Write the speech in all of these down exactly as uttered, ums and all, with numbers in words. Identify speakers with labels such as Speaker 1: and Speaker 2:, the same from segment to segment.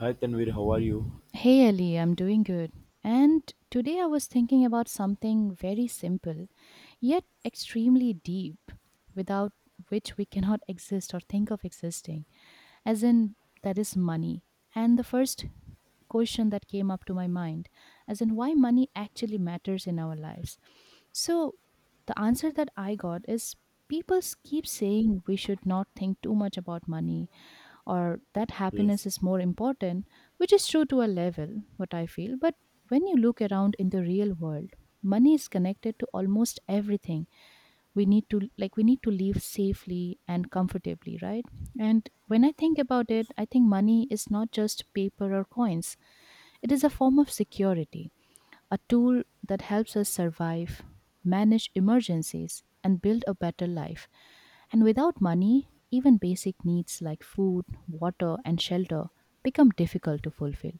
Speaker 1: Hi Tanvir, how are you?
Speaker 2: Hey Ellie, I'm doing good. And today I was thinking about something very simple, yet extremely deep, without which we cannot exist or think of existing, as in that is money. And the first question that came up to my mind, as in why money actually matters in our lives. So the answer that I got is people keep saying we should not think too much about money or that happiness
Speaker 1: Yes.
Speaker 2: is more important, which is true to a level, what I feel. But when you look around in the real world, money is connected to almost everything we need to like we need to live safely and comfortably, right? And when I think about it,
Speaker 1: Yes,
Speaker 2: I think money is not just paper or coins. It is a form of security, a tool that helps us survive, manage emergencies, and build a better life. And without money, even basic needs like food, water, and shelter become difficult to fulfill.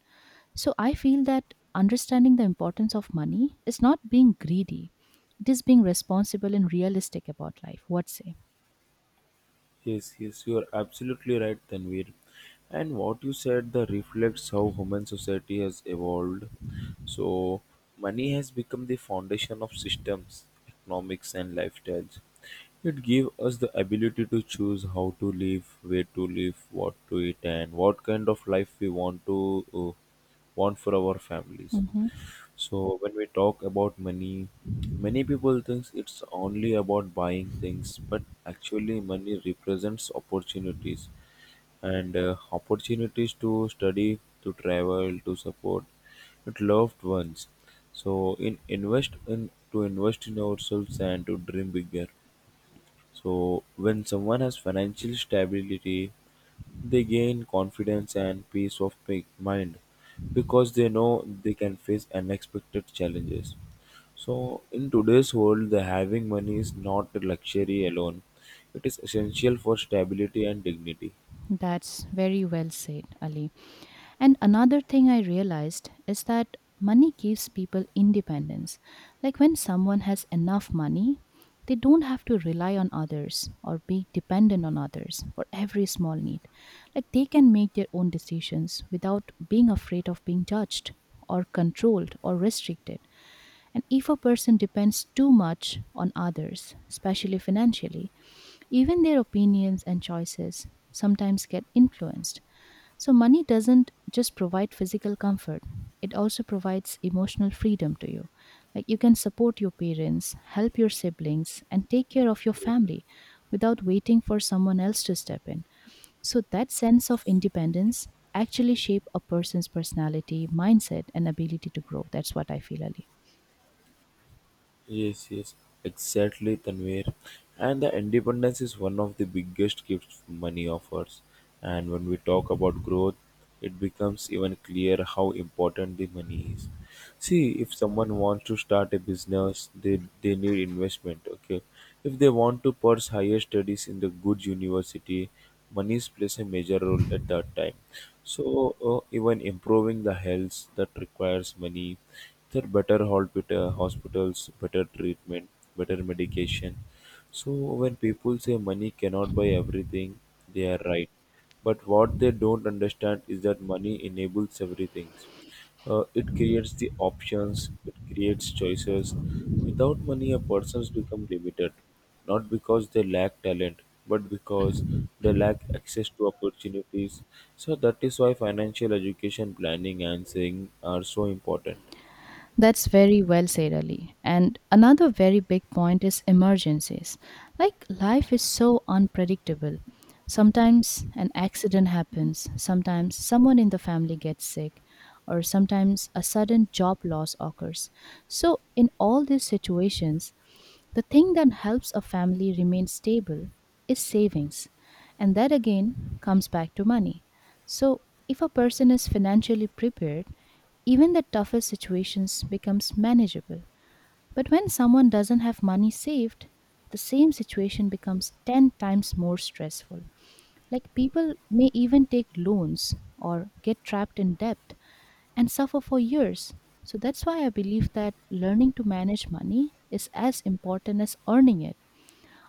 Speaker 2: So I feel that understanding the importance of money is not being greedy. It is being responsible and realistic about life. What say?
Speaker 1: yes, yes, you are absolutely right, Tanvir. And what you said that reflects how human society has evolved. So, money has become the foundation of systems, economics, and lifestyles. It gives us the ability to choose how to live, where to live, what to eat, and what kind of life we want to uh, want for our families.
Speaker 2: Hmm.
Speaker 1: So when we talk about money, many people thinks it's only about buying things, but actually money represents opportunities and uh, opportunities to study, to travel, to support with loved ones. So in invest in to invest in ourselves and to dream bigger. So when someone has financial stability, they gain confidence and peace of mi- mind because they know they can face unexpected challenges. So in today's world, the having money is not a luxury alone; it is essential for stability and dignity.
Speaker 2: That's very well said, Ali. And another thing I realized is that money gives people independence. Like when someone has enough money, they don't have to rely on others or be dependent on others for every small need. Like they can make their own decisions without being afraid of being judged or controlled or restricted. And if a person depends too much on others, especially financially, even their opinions and choices sometimes get influenced. So, money doesn't just provide physical comfort, it also provides emotional freedom to you. Like, you can support your parents, help your siblings, and take care of your family without waiting for someone else to step in. So, that sense of independence actually shape a person's personality, mindset, and ability to grow. That's what I feel, Ali.
Speaker 1: Yes, yes, exactly, Tanvir. And the independence is one of the biggest gifts money offers. And when we talk about growth, it becomes even clear how important the money is. See, if someone wants to start a business, they, they need investment, okay? If they want to pursue higher studies in the good university, monies plays a major role at that time. So, uh, even improving the health that requires money, there are better hospita- hospitals, better treatment, better medication. So when people say money cannot buy everything, they are right. But what they don't understand is that money enables everything. Uh, it creates the options, it creates choices. Without money, a person's become limited, not because they lack talent, but because they lack access to opportunities. So that is why financial education planning and saving are so important.
Speaker 2: That's very well said, Ali. And another very big point is emergencies. Like life is so unpredictable. Sometimes an accident happens, sometimes someone in the family gets sick, or sometimes a sudden job loss occurs. So, in all these situations, the thing that helps a family remain stable is savings. And that again comes back to money. So, if a person is financially prepared, even the toughest situations becomes manageable. But when someone doesn't have money saved, the same situation becomes ten times more stressful. Like people may even take loans or get trapped in debt and suffer for years. So that's why I believe that learning to manage money is as important as earning it.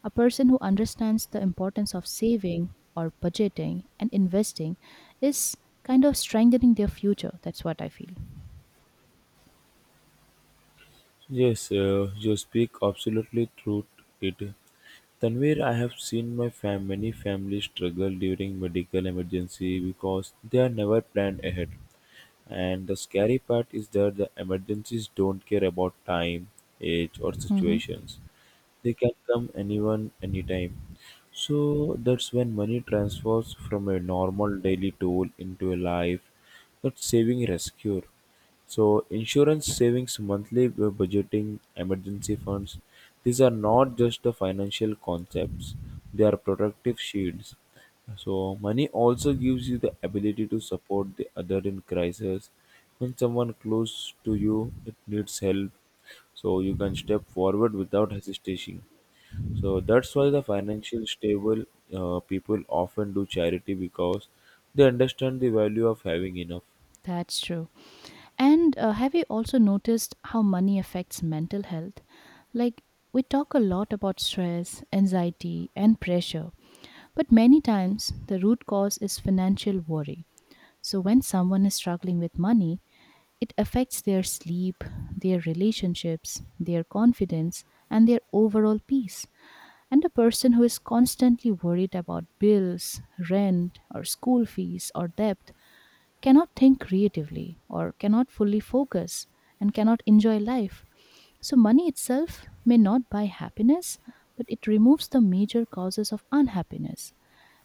Speaker 2: A person who understands the importance of saving or budgeting and investing is kind of strengthening their future. That's what I feel.
Speaker 1: Yes, uh, you speak absolutely true it. Tanvir, I have seen my fam- many families struggle during medical emergency because they are never planned ahead. And the scary part is that the emergencies don't care about time, age or
Speaker 2: Hmm.
Speaker 1: situations. They can come anyone, anytime. So that's when money transfers from a normal daily tool into a life that saving rescue. So insurance savings, monthly bu- budgeting, emergency funds, these are not just the financial concepts. They are protective shields. So money also gives you the ability to support the other in crisis. When someone close to you it needs help, so you can step forward without hesitation. So that's why the financial stable uh, people often do charity because they understand the value of having enough.
Speaker 2: That's true. And uh, have you also noticed how money affects mental health? Like, we talk a lot about stress, anxiety, and pressure, but many times the root cause is financial worry. So, when someone is struggling with money, it affects their sleep, their relationships, their confidence, and their overall peace. And a person who is constantly worried about bills, rent, or school fees, or debt cannot think creatively or cannot fully focus and cannot enjoy life. So, money itself may not buy happiness, but it removes the major causes of unhappiness.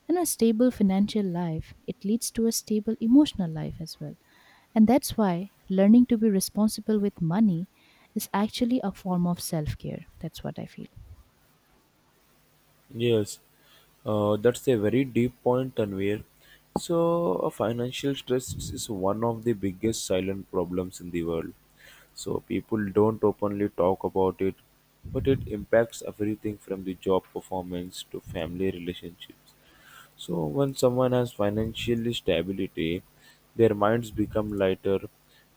Speaker 2: And a stable financial life, it leads to a stable emotional life as well. And that's why learning to be responsible with money is actually a form of self care. That's what I feel.
Speaker 1: Yes, uh, that's a very deep point, Tanvir. So, uh, financial stress is one of the biggest silent problems in the world. So, people don't openly talk about it, but it impacts everything from the job performance to family relationships. So when someone has financial stability, their minds become lighter.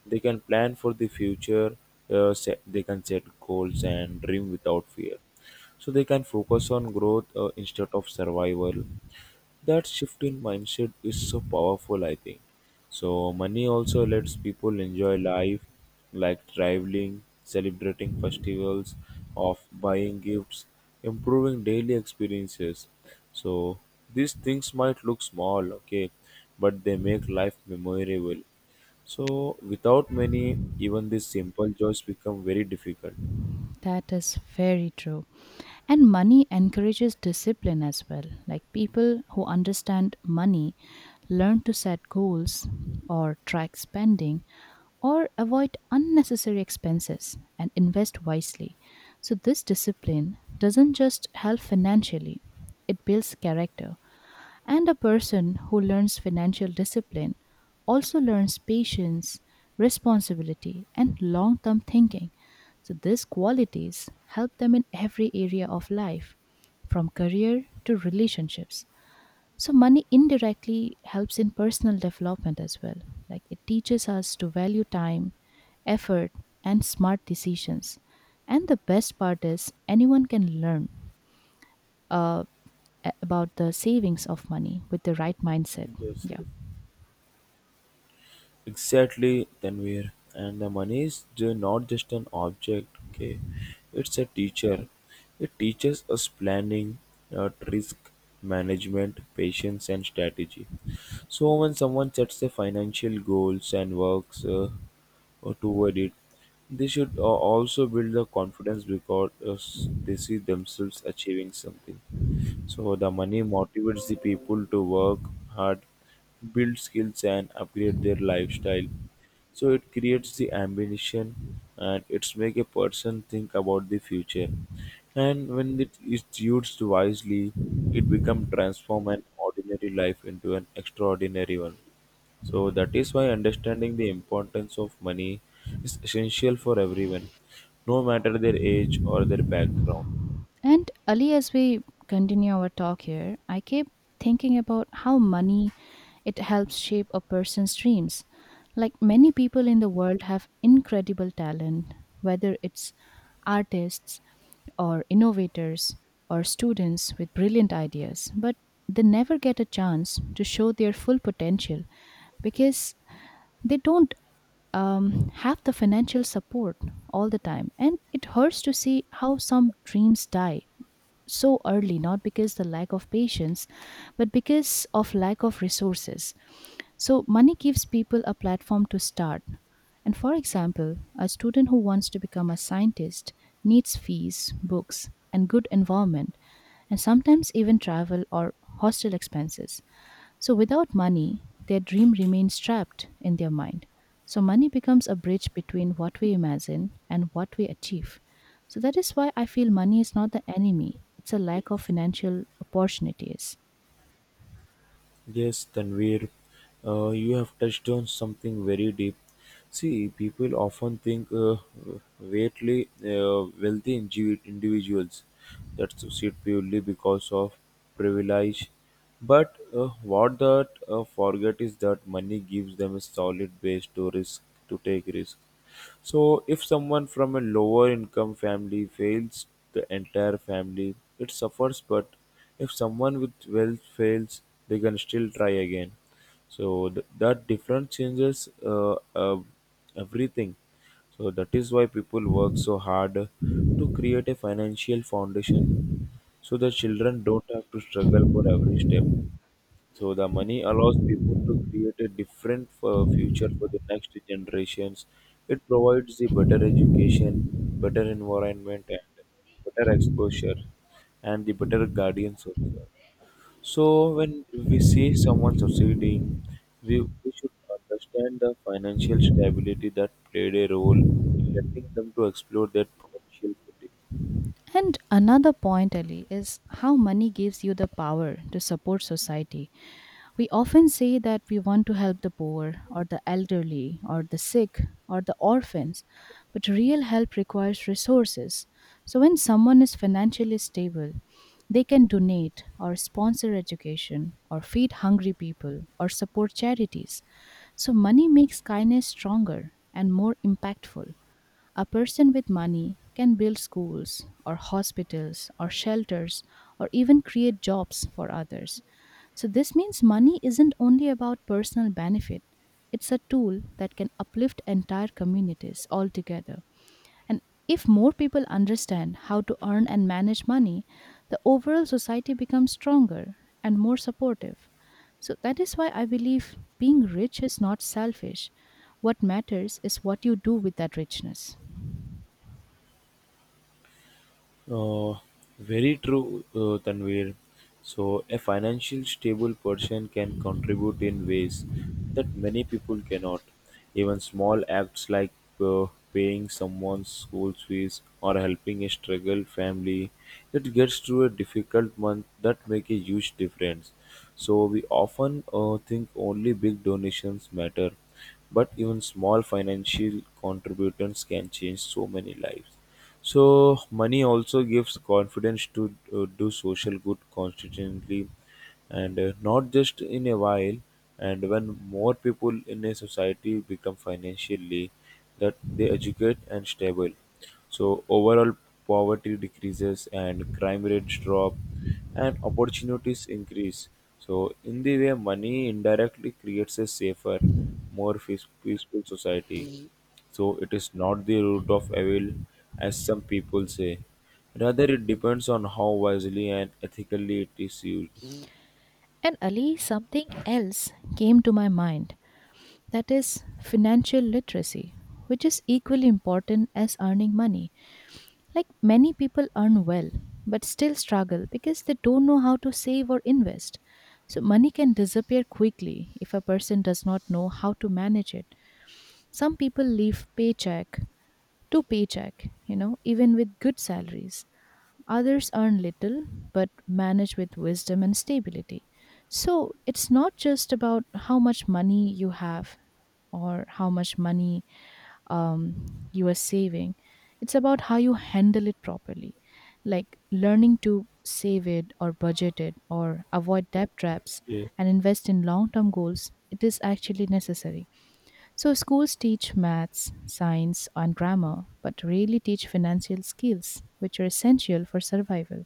Speaker 1: They can plan for the future. Uh, set, they can set goals and dream without fear. So they can focus on growth uh, instead of survival. That shift in mindset is so powerful, I think. So money also lets people enjoy life, like traveling, celebrating festivals, of buying gifts, improving daily experiences. So these things might look small, okay, but they make life memorable. So without money, even these simple joys become very difficult.
Speaker 2: That is very true. And money encourages discipline as well. Like people who understand money learn to set goals or track spending or avoid unnecessary expenses and invest wisely. So, this discipline doesn't just help financially, it builds character, and a person who learns financial discipline also learns patience, responsibility, and long term thinking. So, these qualities help them in every area of life, from career to relationships. So, money indirectly helps in personal development as well. Like it teaches us to value time, effort, and smart decisions. And the best part is, anyone can learn. Uh, a- about the savings of money with the right mindset.
Speaker 1: Yes,
Speaker 2: Yeah.
Speaker 1: yes. Exactly, Tanvir. And the money is ju- not just an object, okay? It's a teacher. It teaches us planning, uh, risk management, patience, and strategy. So when someone sets their financial goals and works uh, uh, toward it, they should uh, also build the confidence because uh, s- they see themselves achieving something. So the money motivates the people to work hard, build skills, and upgrade their lifestyle. So it creates the ambition, and it's make a person think about the future. And when it is used wisely, it become transform an ordinary life into an extraordinary one. So that is why understanding the importance of money is essential for everyone, no matter their age or their background.
Speaker 2: And Ali, as we continue our talk here, I keep thinking about how money it helps shape a person's dreams. Like many people in the world have incredible talent, whether it's artists or innovators or students with brilliant ideas, but they never get a chance to show their full potential because they don't um, have the financial support all the time. And it hurts to see how some dreams die so early, not because the lack of patience, but because of lack of resources. So money gives people a platform to start. And for example, a student who wants to become a scientist needs fees, books, and good environment, and sometimes even travel or hostel expenses. So, without money, their dream remains trapped in their mind. So, money becomes a bridge between what we imagine and what we achieve. So, that is why I feel money is not the enemy, it's a lack of financial opportunities.
Speaker 1: Yes, Tanvir, uh, you have touched on something very deep. See, people often think uh, wealthy, uh, wealthy indivi- individuals that succeed purely because of privilege. But uh, what that uh, forget is that money gives them a solid base to risk to take risk. So, if someone from a lower income family fails, the entire family it suffers. But if someone with wealth fails, they can still try again. So th- that difference changes uh, uh, everything. So that is why people work so hard to create a financial foundation so that children don't have to struggle for every step. So the money allows people to create a different uh, future for the next generations. It provides the better education, better environment, and better exposure, and the better guardians also. So when we see someone succeeding, we, we should understand the financial stability that played a role in letting them to explore their potential fully.
Speaker 2: And another point, Ali, is how money gives you the power to support society. We often say that we want to help the poor, or the elderly, or the sick, or the orphans, but real help requires resources. So, when someone is financially stable, they can donate or sponsor education or feed hungry people or support charities. So, money makes kindness stronger and more impactful. A person with money can build schools or hospitals or shelters or even create jobs for others. So, this means money isn't only about personal benefit, it's a tool that can uplift entire communities altogether. And if more people understand how to earn and manage money, the overall society becomes stronger and more supportive. So, that is why I believe being rich is not selfish. What matters is what you do with that richness.
Speaker 1: Uh, Very true, uh, Tanvir. So, a financial stable person can contribute in ways that many people cannot. Even small acts like uh, paying someone's school fees or helping a struggle family that gets through a difficult month, that make a huge difference. So, we often uh, think only big donations matter, but even small financial contributions can change so many lives. So money also gives confidence to uh, do social good constantly, and uh, not just in a while. And when more people in a society become financially that they educate and stable, so overall poverty decreases and crime rates drop and opportunities increase. So in the way money indirectly creates a safer, more peace- peaceful society. So it is not the root of evil, as some people say. Rather, it depends on how wisely and ethically it is used.
Speaker 2: And Ali, something else came to my mind, that is financial literacy, which is equally important as earning money. Like many people earn well but still struggle because they don't know how to save or invest. So, money can disappear quickly if a person does not know how to manage it. Some people live paycheck to paycheck, you know, even with good salaries. Others earn little but manage with wisdom and stability. So it's not just about how much money you have or how much money um, you are saving, it's about how you handle it properly. Like learning to save it or budget it or avoid debt traps
Speaker 1: Yeah.
Speaker 2: and invest in long term goals, it is actually necessary. So, schools teach maths, science, and grammar, but rarely teach financial skills, which are essential for survival.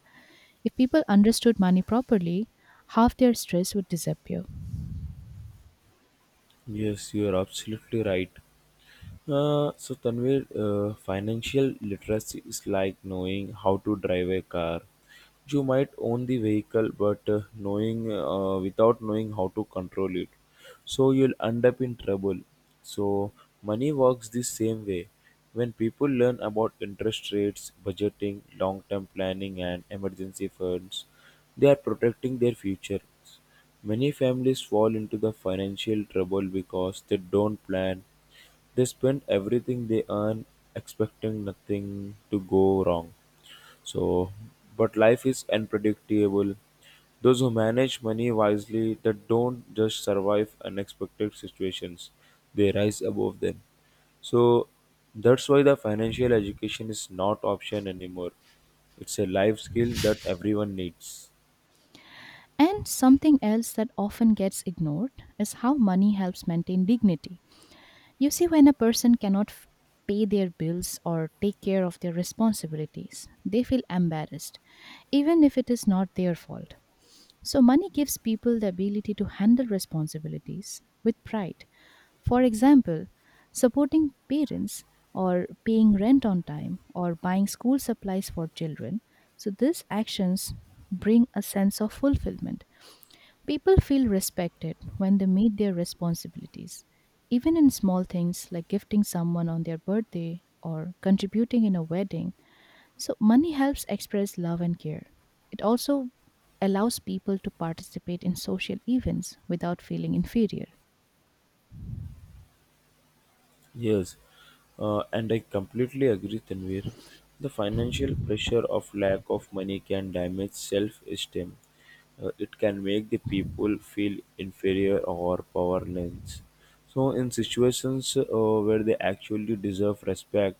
Speaker 2: If people understood money properly, half their stress would disappear.
Speaker 1: Yes, you are absolutely right. Uh, so Tanvir, uh, financial literacy is like knowing how to drive a car. You might own the vehicle, but uh, knowing uh, without knowing how to control it, so you'll end up in trouble. So money works the same way. When people learn about interest rates, budgeting, long-term planning, and emergency funds, they are protecting their future. Many families fall into the financial trouble because they don't plan, they spend everything they earn expecting nothing to go wrong. So, but life is unpredictable. Those who manage money wisely that don't just survive unexpected situations, they rise above them. So that's why the financial education is not option anymore. It's a life skill that everyone needs.
Speaker 2: And something else that often gets ignored is how money helps maintain dignity. You see, when a person cannot f- pay their bills or take care of their responsibilities, they feel embarrassed, even if it is not their fault. So, money gives people the ability to handle responsibilities with pride. For example, supporting parents or paying rent on time or buying school supplies for children. So, these actions bring a sense of fulfillment. People feel respected when they meet their responsibilities. Even in small things like gifting someone on their birthday or contributing in a wedding, so money helps express love and care. It also allows people to participate in social events without feeling inferior.
Speaker 1: Yes, uh, and I completely agree, Tanvir. The financial pressure of lack of money can damage self esteem. It can make the people feel inferior or powerless. So, in situations uh, where they actually deserve respect,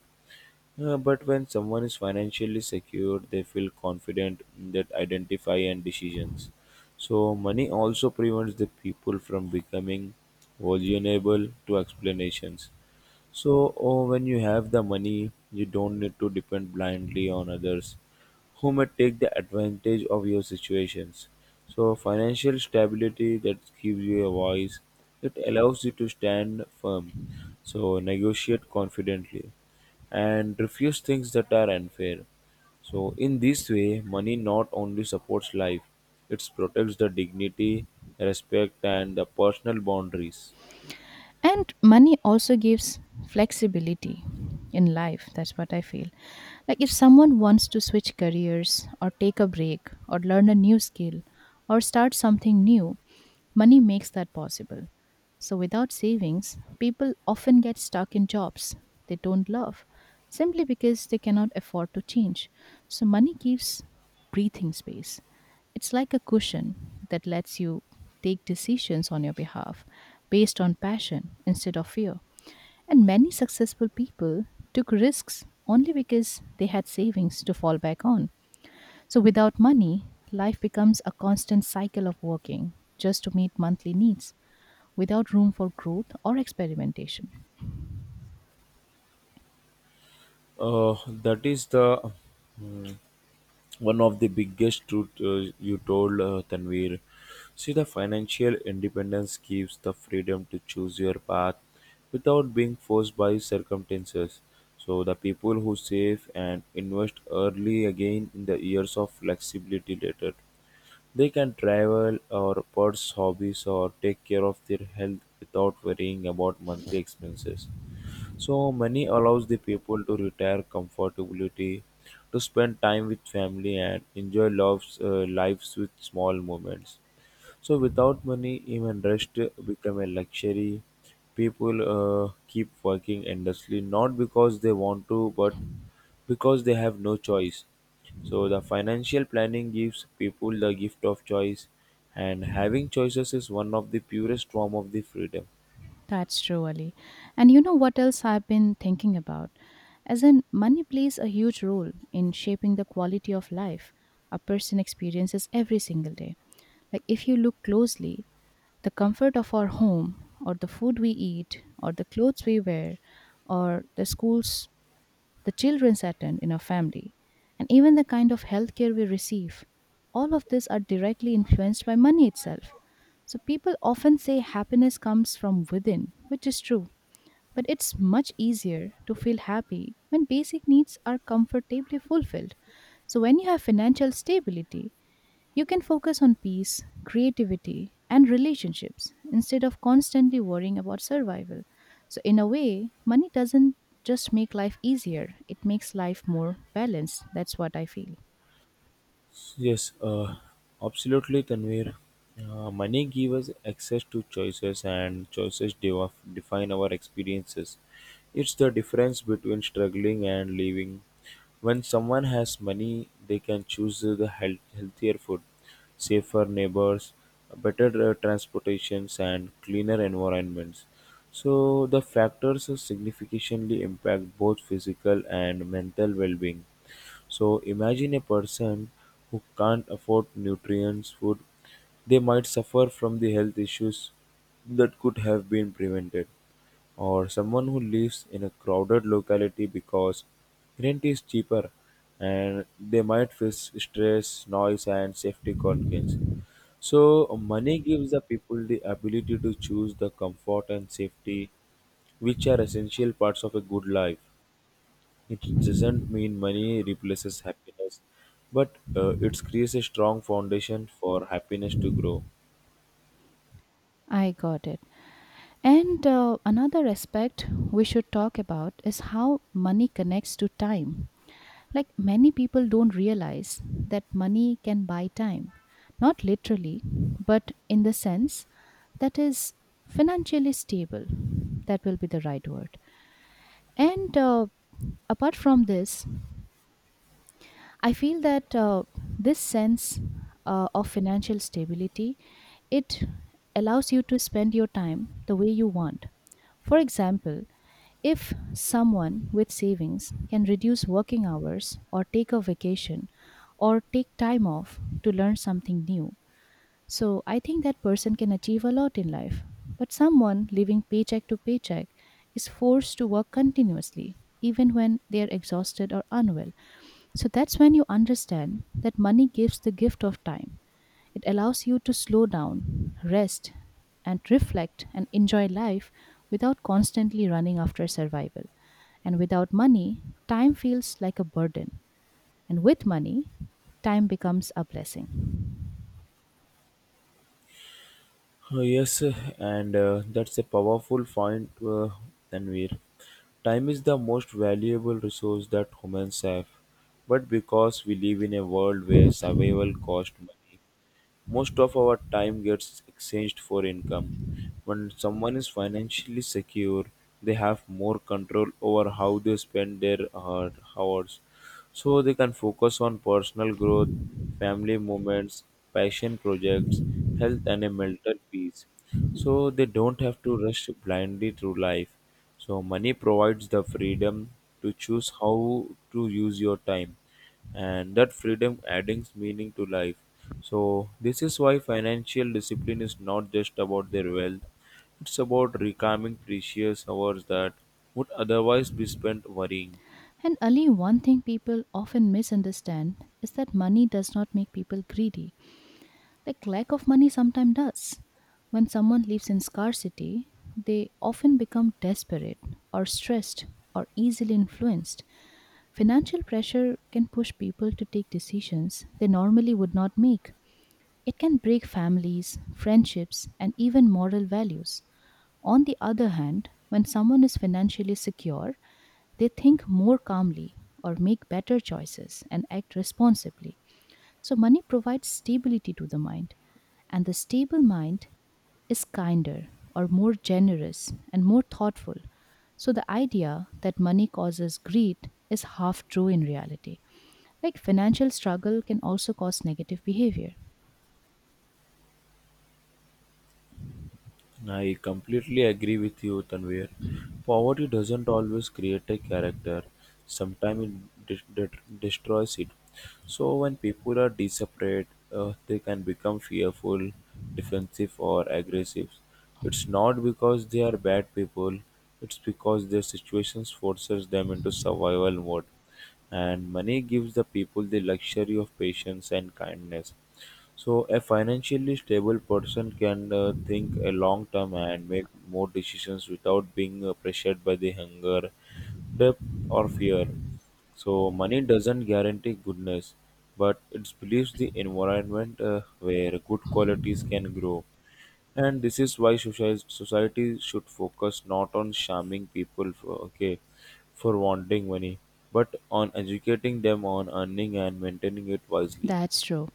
Speaker 1: uh, but when someone is financially secure, they feel confident in that identify and decisions. So, money also prevents the people from becoming vulnerable to explanations, so, oh, when you have the money, you don't need to depend blindly on others who may take the advantage of your situations. So, financial stability that gives you a voice, it allows you to stand firm. So, negotiate confidently and refuse things that are unfair. So, in this way, money not only supports life, it protects the dignity, respect, and the personal boundaries.
Speaker 2: And money also gives flexibility in life, that's what I feel. Like if someone wants to switch careers or take a break or learn a new skill or start something new, money makes that possible. So without savings, people often get stuck in jobs they don't love simply because they cannot afford to change. So money gives breathing space. It's like a cushion that lets you take decisions on your behalf based on passion instead of fear. And many successful people took risks only because they had savings to fall back on. So without money, life becomes a constant cycle of working just to meet monthly needs without room for growth or experimentation.
Speaker 1: Uh, that is the mm, one of the biggest truth uh, you told uh, Tanvir. See, the financial independence gives the freedom to choose your path without being forced by circumstances. So, the people who save and invest early again in the years of flexibility later. They can travel or pursue hobbies or take care of their health without worrying about monthly expenses. So money allows the people to retire comfortably, to spend time with family and enjoy loves, uh, lives with small moments. So without money, even rest become a luxury. People uh, keep working endlessly, not because they want to, but because they have no choice. So the financial planning gives people the gift of choice, and having choices is one of the purest form of the freedom.
Speaker 2: That's true, Ali. And you know what else I've been thinking about? As in, money plays a huge role in shaping the quality of life a person experiences every single day. Like, if you look closely, the comfort of our home, or the food we eat, or the clothes we wear, or the schools the children's attend in our family, and even the kind of healthcare we receive. All of these are directly influenced by money itself. So people often say happiness comes from within, which is true. But it's much easier to feel happy when basic needs are comfortably fulfilled. So when you have financial stability, you can focus on peace, creativity, and relationships instead of constantly worrying about survival. So, in a way, money doesn't just make life easier, it makes life more balanced. That's what I feel.
Speaker 1: Yes, uh, absolutely, Tanvir. Uh, money gives us access to choices, and choices de- define our experiences. It's the difference between struggling and living. When someone has money, they can choose the health- healthier food, safer neighbors, better uh, transportations, and cleaner environments. So the factors significantly impact both physical and mental well-being. So imagine a person who can't afford nutrients, food, they might suffer from the health issues that could have been prevented. Or someone who lives in a crowded locality because rent is cheaper, and they might face stress, noise, and safety concerns. So, money gives the people the ability to choose the comfort and safety, which are essential parts of a good life. It doesn't mean money replaces happiness, but uh, it creates a strong foundation for happiness to grow.
Speaker 2: I got it. And uh, Another aspect we should talk about is how money connects to time. Like, many people don't realize that money can buy time, not literally, but in the sense that is financially stable. That will be the right word. And uh, Apart from this, I feel that uh, this sense uh, of financial stability, it allows you to spend your time the way you want. For example, if someone with savings can reduce working hours or take a vacation or take time off to learn something new, so I think that person can achieve a lot in life. But someone living paycheck to paycheck is forced to work continuously, even when they are exhausted or unwell. So that's when you understand that money gives the gift of time. It allows you to slow down, rest, and reflect and enjoy life without constantly running after survival. And without money, time feels like a burden. And with money, time becomes a blessing.
Speaker 1: Uh, Yes, and uh, that's a powerful point, uh, Tanvir. Time is the most valuable resource that humans have, but because we live in a world where survival costs money, most of our time gets exchanged for income. When someone is financially secure, they have more control over how they spend their uh, hours. So they can focus on personal growth, family moments, passion projects, health, and a mental peace. So they don't have to rush blindly through life. So money provides the freedom to choose how to use your time, and that freedom adding meaning to life. So, this is why financial discipline is not just about their wealth, it's about reclaiming precious hours that would otherwise be spent worrying.
Speaker 2: And Ali, one thing people often misunderstand is that money does not make people greedy. Like, lack of money sometimes does. When someone lives in scarcity, they often become desperate or stressed or easily influenced. Financial pressure can push people to take decisions they normally would not make. It can break families, friendships, and even moral values. On the other hand, when someone is financially secure, they think more calmly or make better choices and act responsibly. So, money provides stability to the mind, and the stable mind is kinder or more generous and more thoughtful. So, the idea that money causes greed is half true in reality. Like, financial struggle can also cause negative behavior.
Speaker 1: I completely agree with you, Tanvir. Poverty doesn't always create a character, sometimes it de- de- destroys it. So, when people are desperate, uh, they can become fearful, defensive, or aggressive. It's not because they are bad people, it's because their situations forces them into survival mode. And money gives the people the luxury of patience and kindness. So a financially stable person can uh, think a long term and make more decisions without being uh, pressured by the hunger, debt, or fear. So money doesn't guarantee goodness, but it believes the environment uh, where good qualities can grow. And this is why society society should focus not on shaming people for, okay, for wanting money, but on educating them on earning and maintaining it wisely.
Speaker 2: That's true.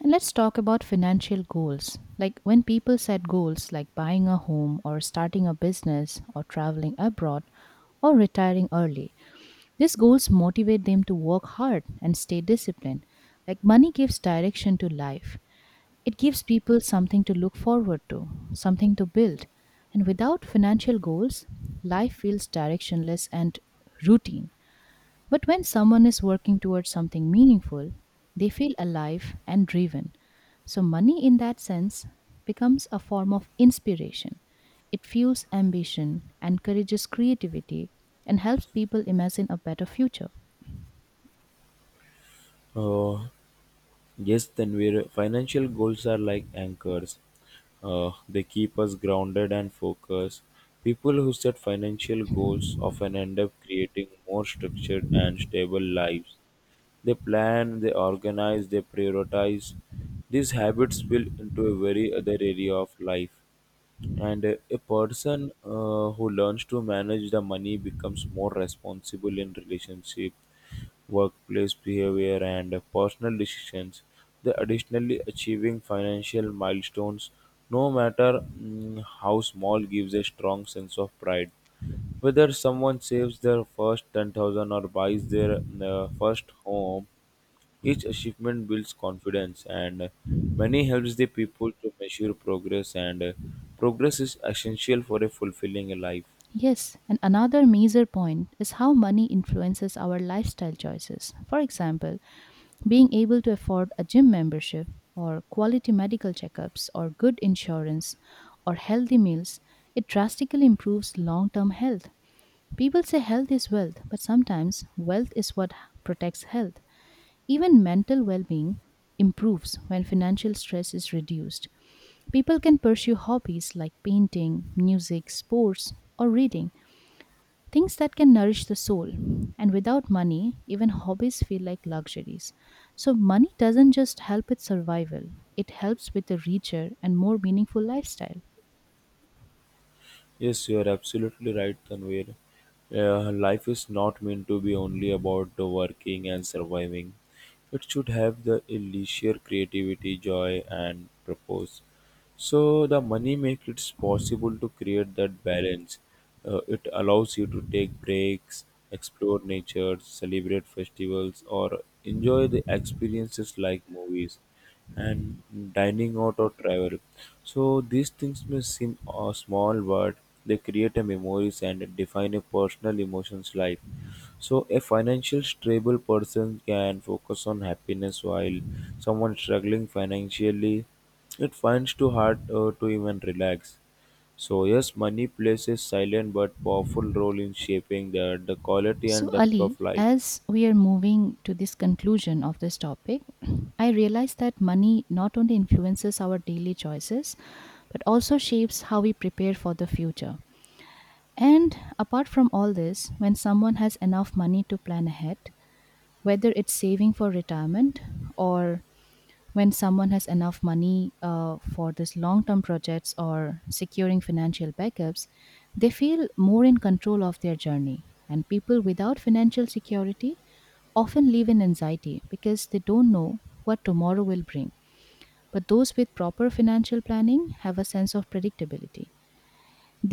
Speaker 2: And let's talk about financial goals. Like, when people set goals like buying a home or starting a business or traveling abroad or retiring early, these goals motivate them to work hard and stay disciplined. Like, money gives direction to life, it gives people something to look forward to, something to build. And without financial goals, life feels directionless and routine. But when someone is working towards something meaningful, they feel alive and driven. So, money in that sense becomes a form of inspiration. It fuels ambition, encourages creativity, and helps people imagine a better future.
Speaker 1: Uh, Yes, then we're uh, financial goals are like anchors. Uh, they keep us grounded and focused. People who set financial goals often end up creating more structured and stable lives. They plan, they organize, they prioritize. These habits spill into a very other area of life. And uh, a person uh, who learns to manage the money becomes more responsible in relationship, workplace behavior, and uh, personal decisions. They additionally achieving financial milestones, no matter mm, how small, gives a strong sense of pride. Whether someone saves their first ten thousand or buys their uh, first home, each achievement builds confidence, and money helps the people to measure progress, and uh, progress is essential for a fulfilling life.
Speaker 2: Yes, and another major point is how money influences our lifestyle choices. For example, being able to afford a gym membership, or quality medical checkups, or good insurance, or healthy meals, it drastically improves long term health. People say health is wealth, but sometimes wealth is what protects health. Even mental well being improves when financial stress is reduced. People can pursue hobbies like painting, music, sports, or reading. Things that can nourish the soul. And without money, even hobbies feel like luxuries. So, money doesn't just help with survival, it helps with a richer and more meaningful lifestyle.
Speaker 1: Yes, you are absolutely right, Tanvir. Uh, life is not meant to be only about the working and surviving. It should have the leisure, creativity, joy, and purpose. So the money makes it possible to create that balance. Uh, it allows you to take breaks, explore nature, celebrate festivals, or enjoy the experiences like movies and dining out or travel. So these things may seem uh, small, but they create a memories and define a personal emotions life. So a financial stable person can focus on happiness while someone struggling financially, it finds too hard uh, to even relax. So yes, money plays a silent but powerful role in shaping the, the quality
Speaker 2: So,
Speaker 1: and depth of
Speaker 2: Ali,
Speaker 1: life.
Speaker 2: as we are moving to this conclusion of this topic, I realize that money not only influences our daily choices, but also shapes how we prepare for the future. And apart from all this, when someone has enough money to plan ahead, whether it's saving for retirement or, when someone has enough money uh, for this long term projects or securing financial backups, they feel more in control of their journey. And people without financial security often live in anxiety because they don't know what tomorrow will bring. But those with proper financial planning have a sense of predictability.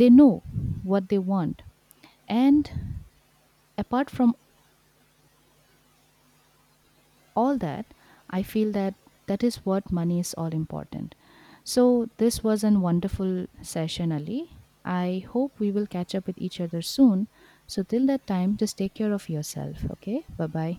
Speaker 2: They know what they want. And apart from all that, I feel that that is what money is all important. So this was a wonderful session, Ali. I hope we will catch up with each other soon. So till that time, just take care of yourself. Okay, bye bye.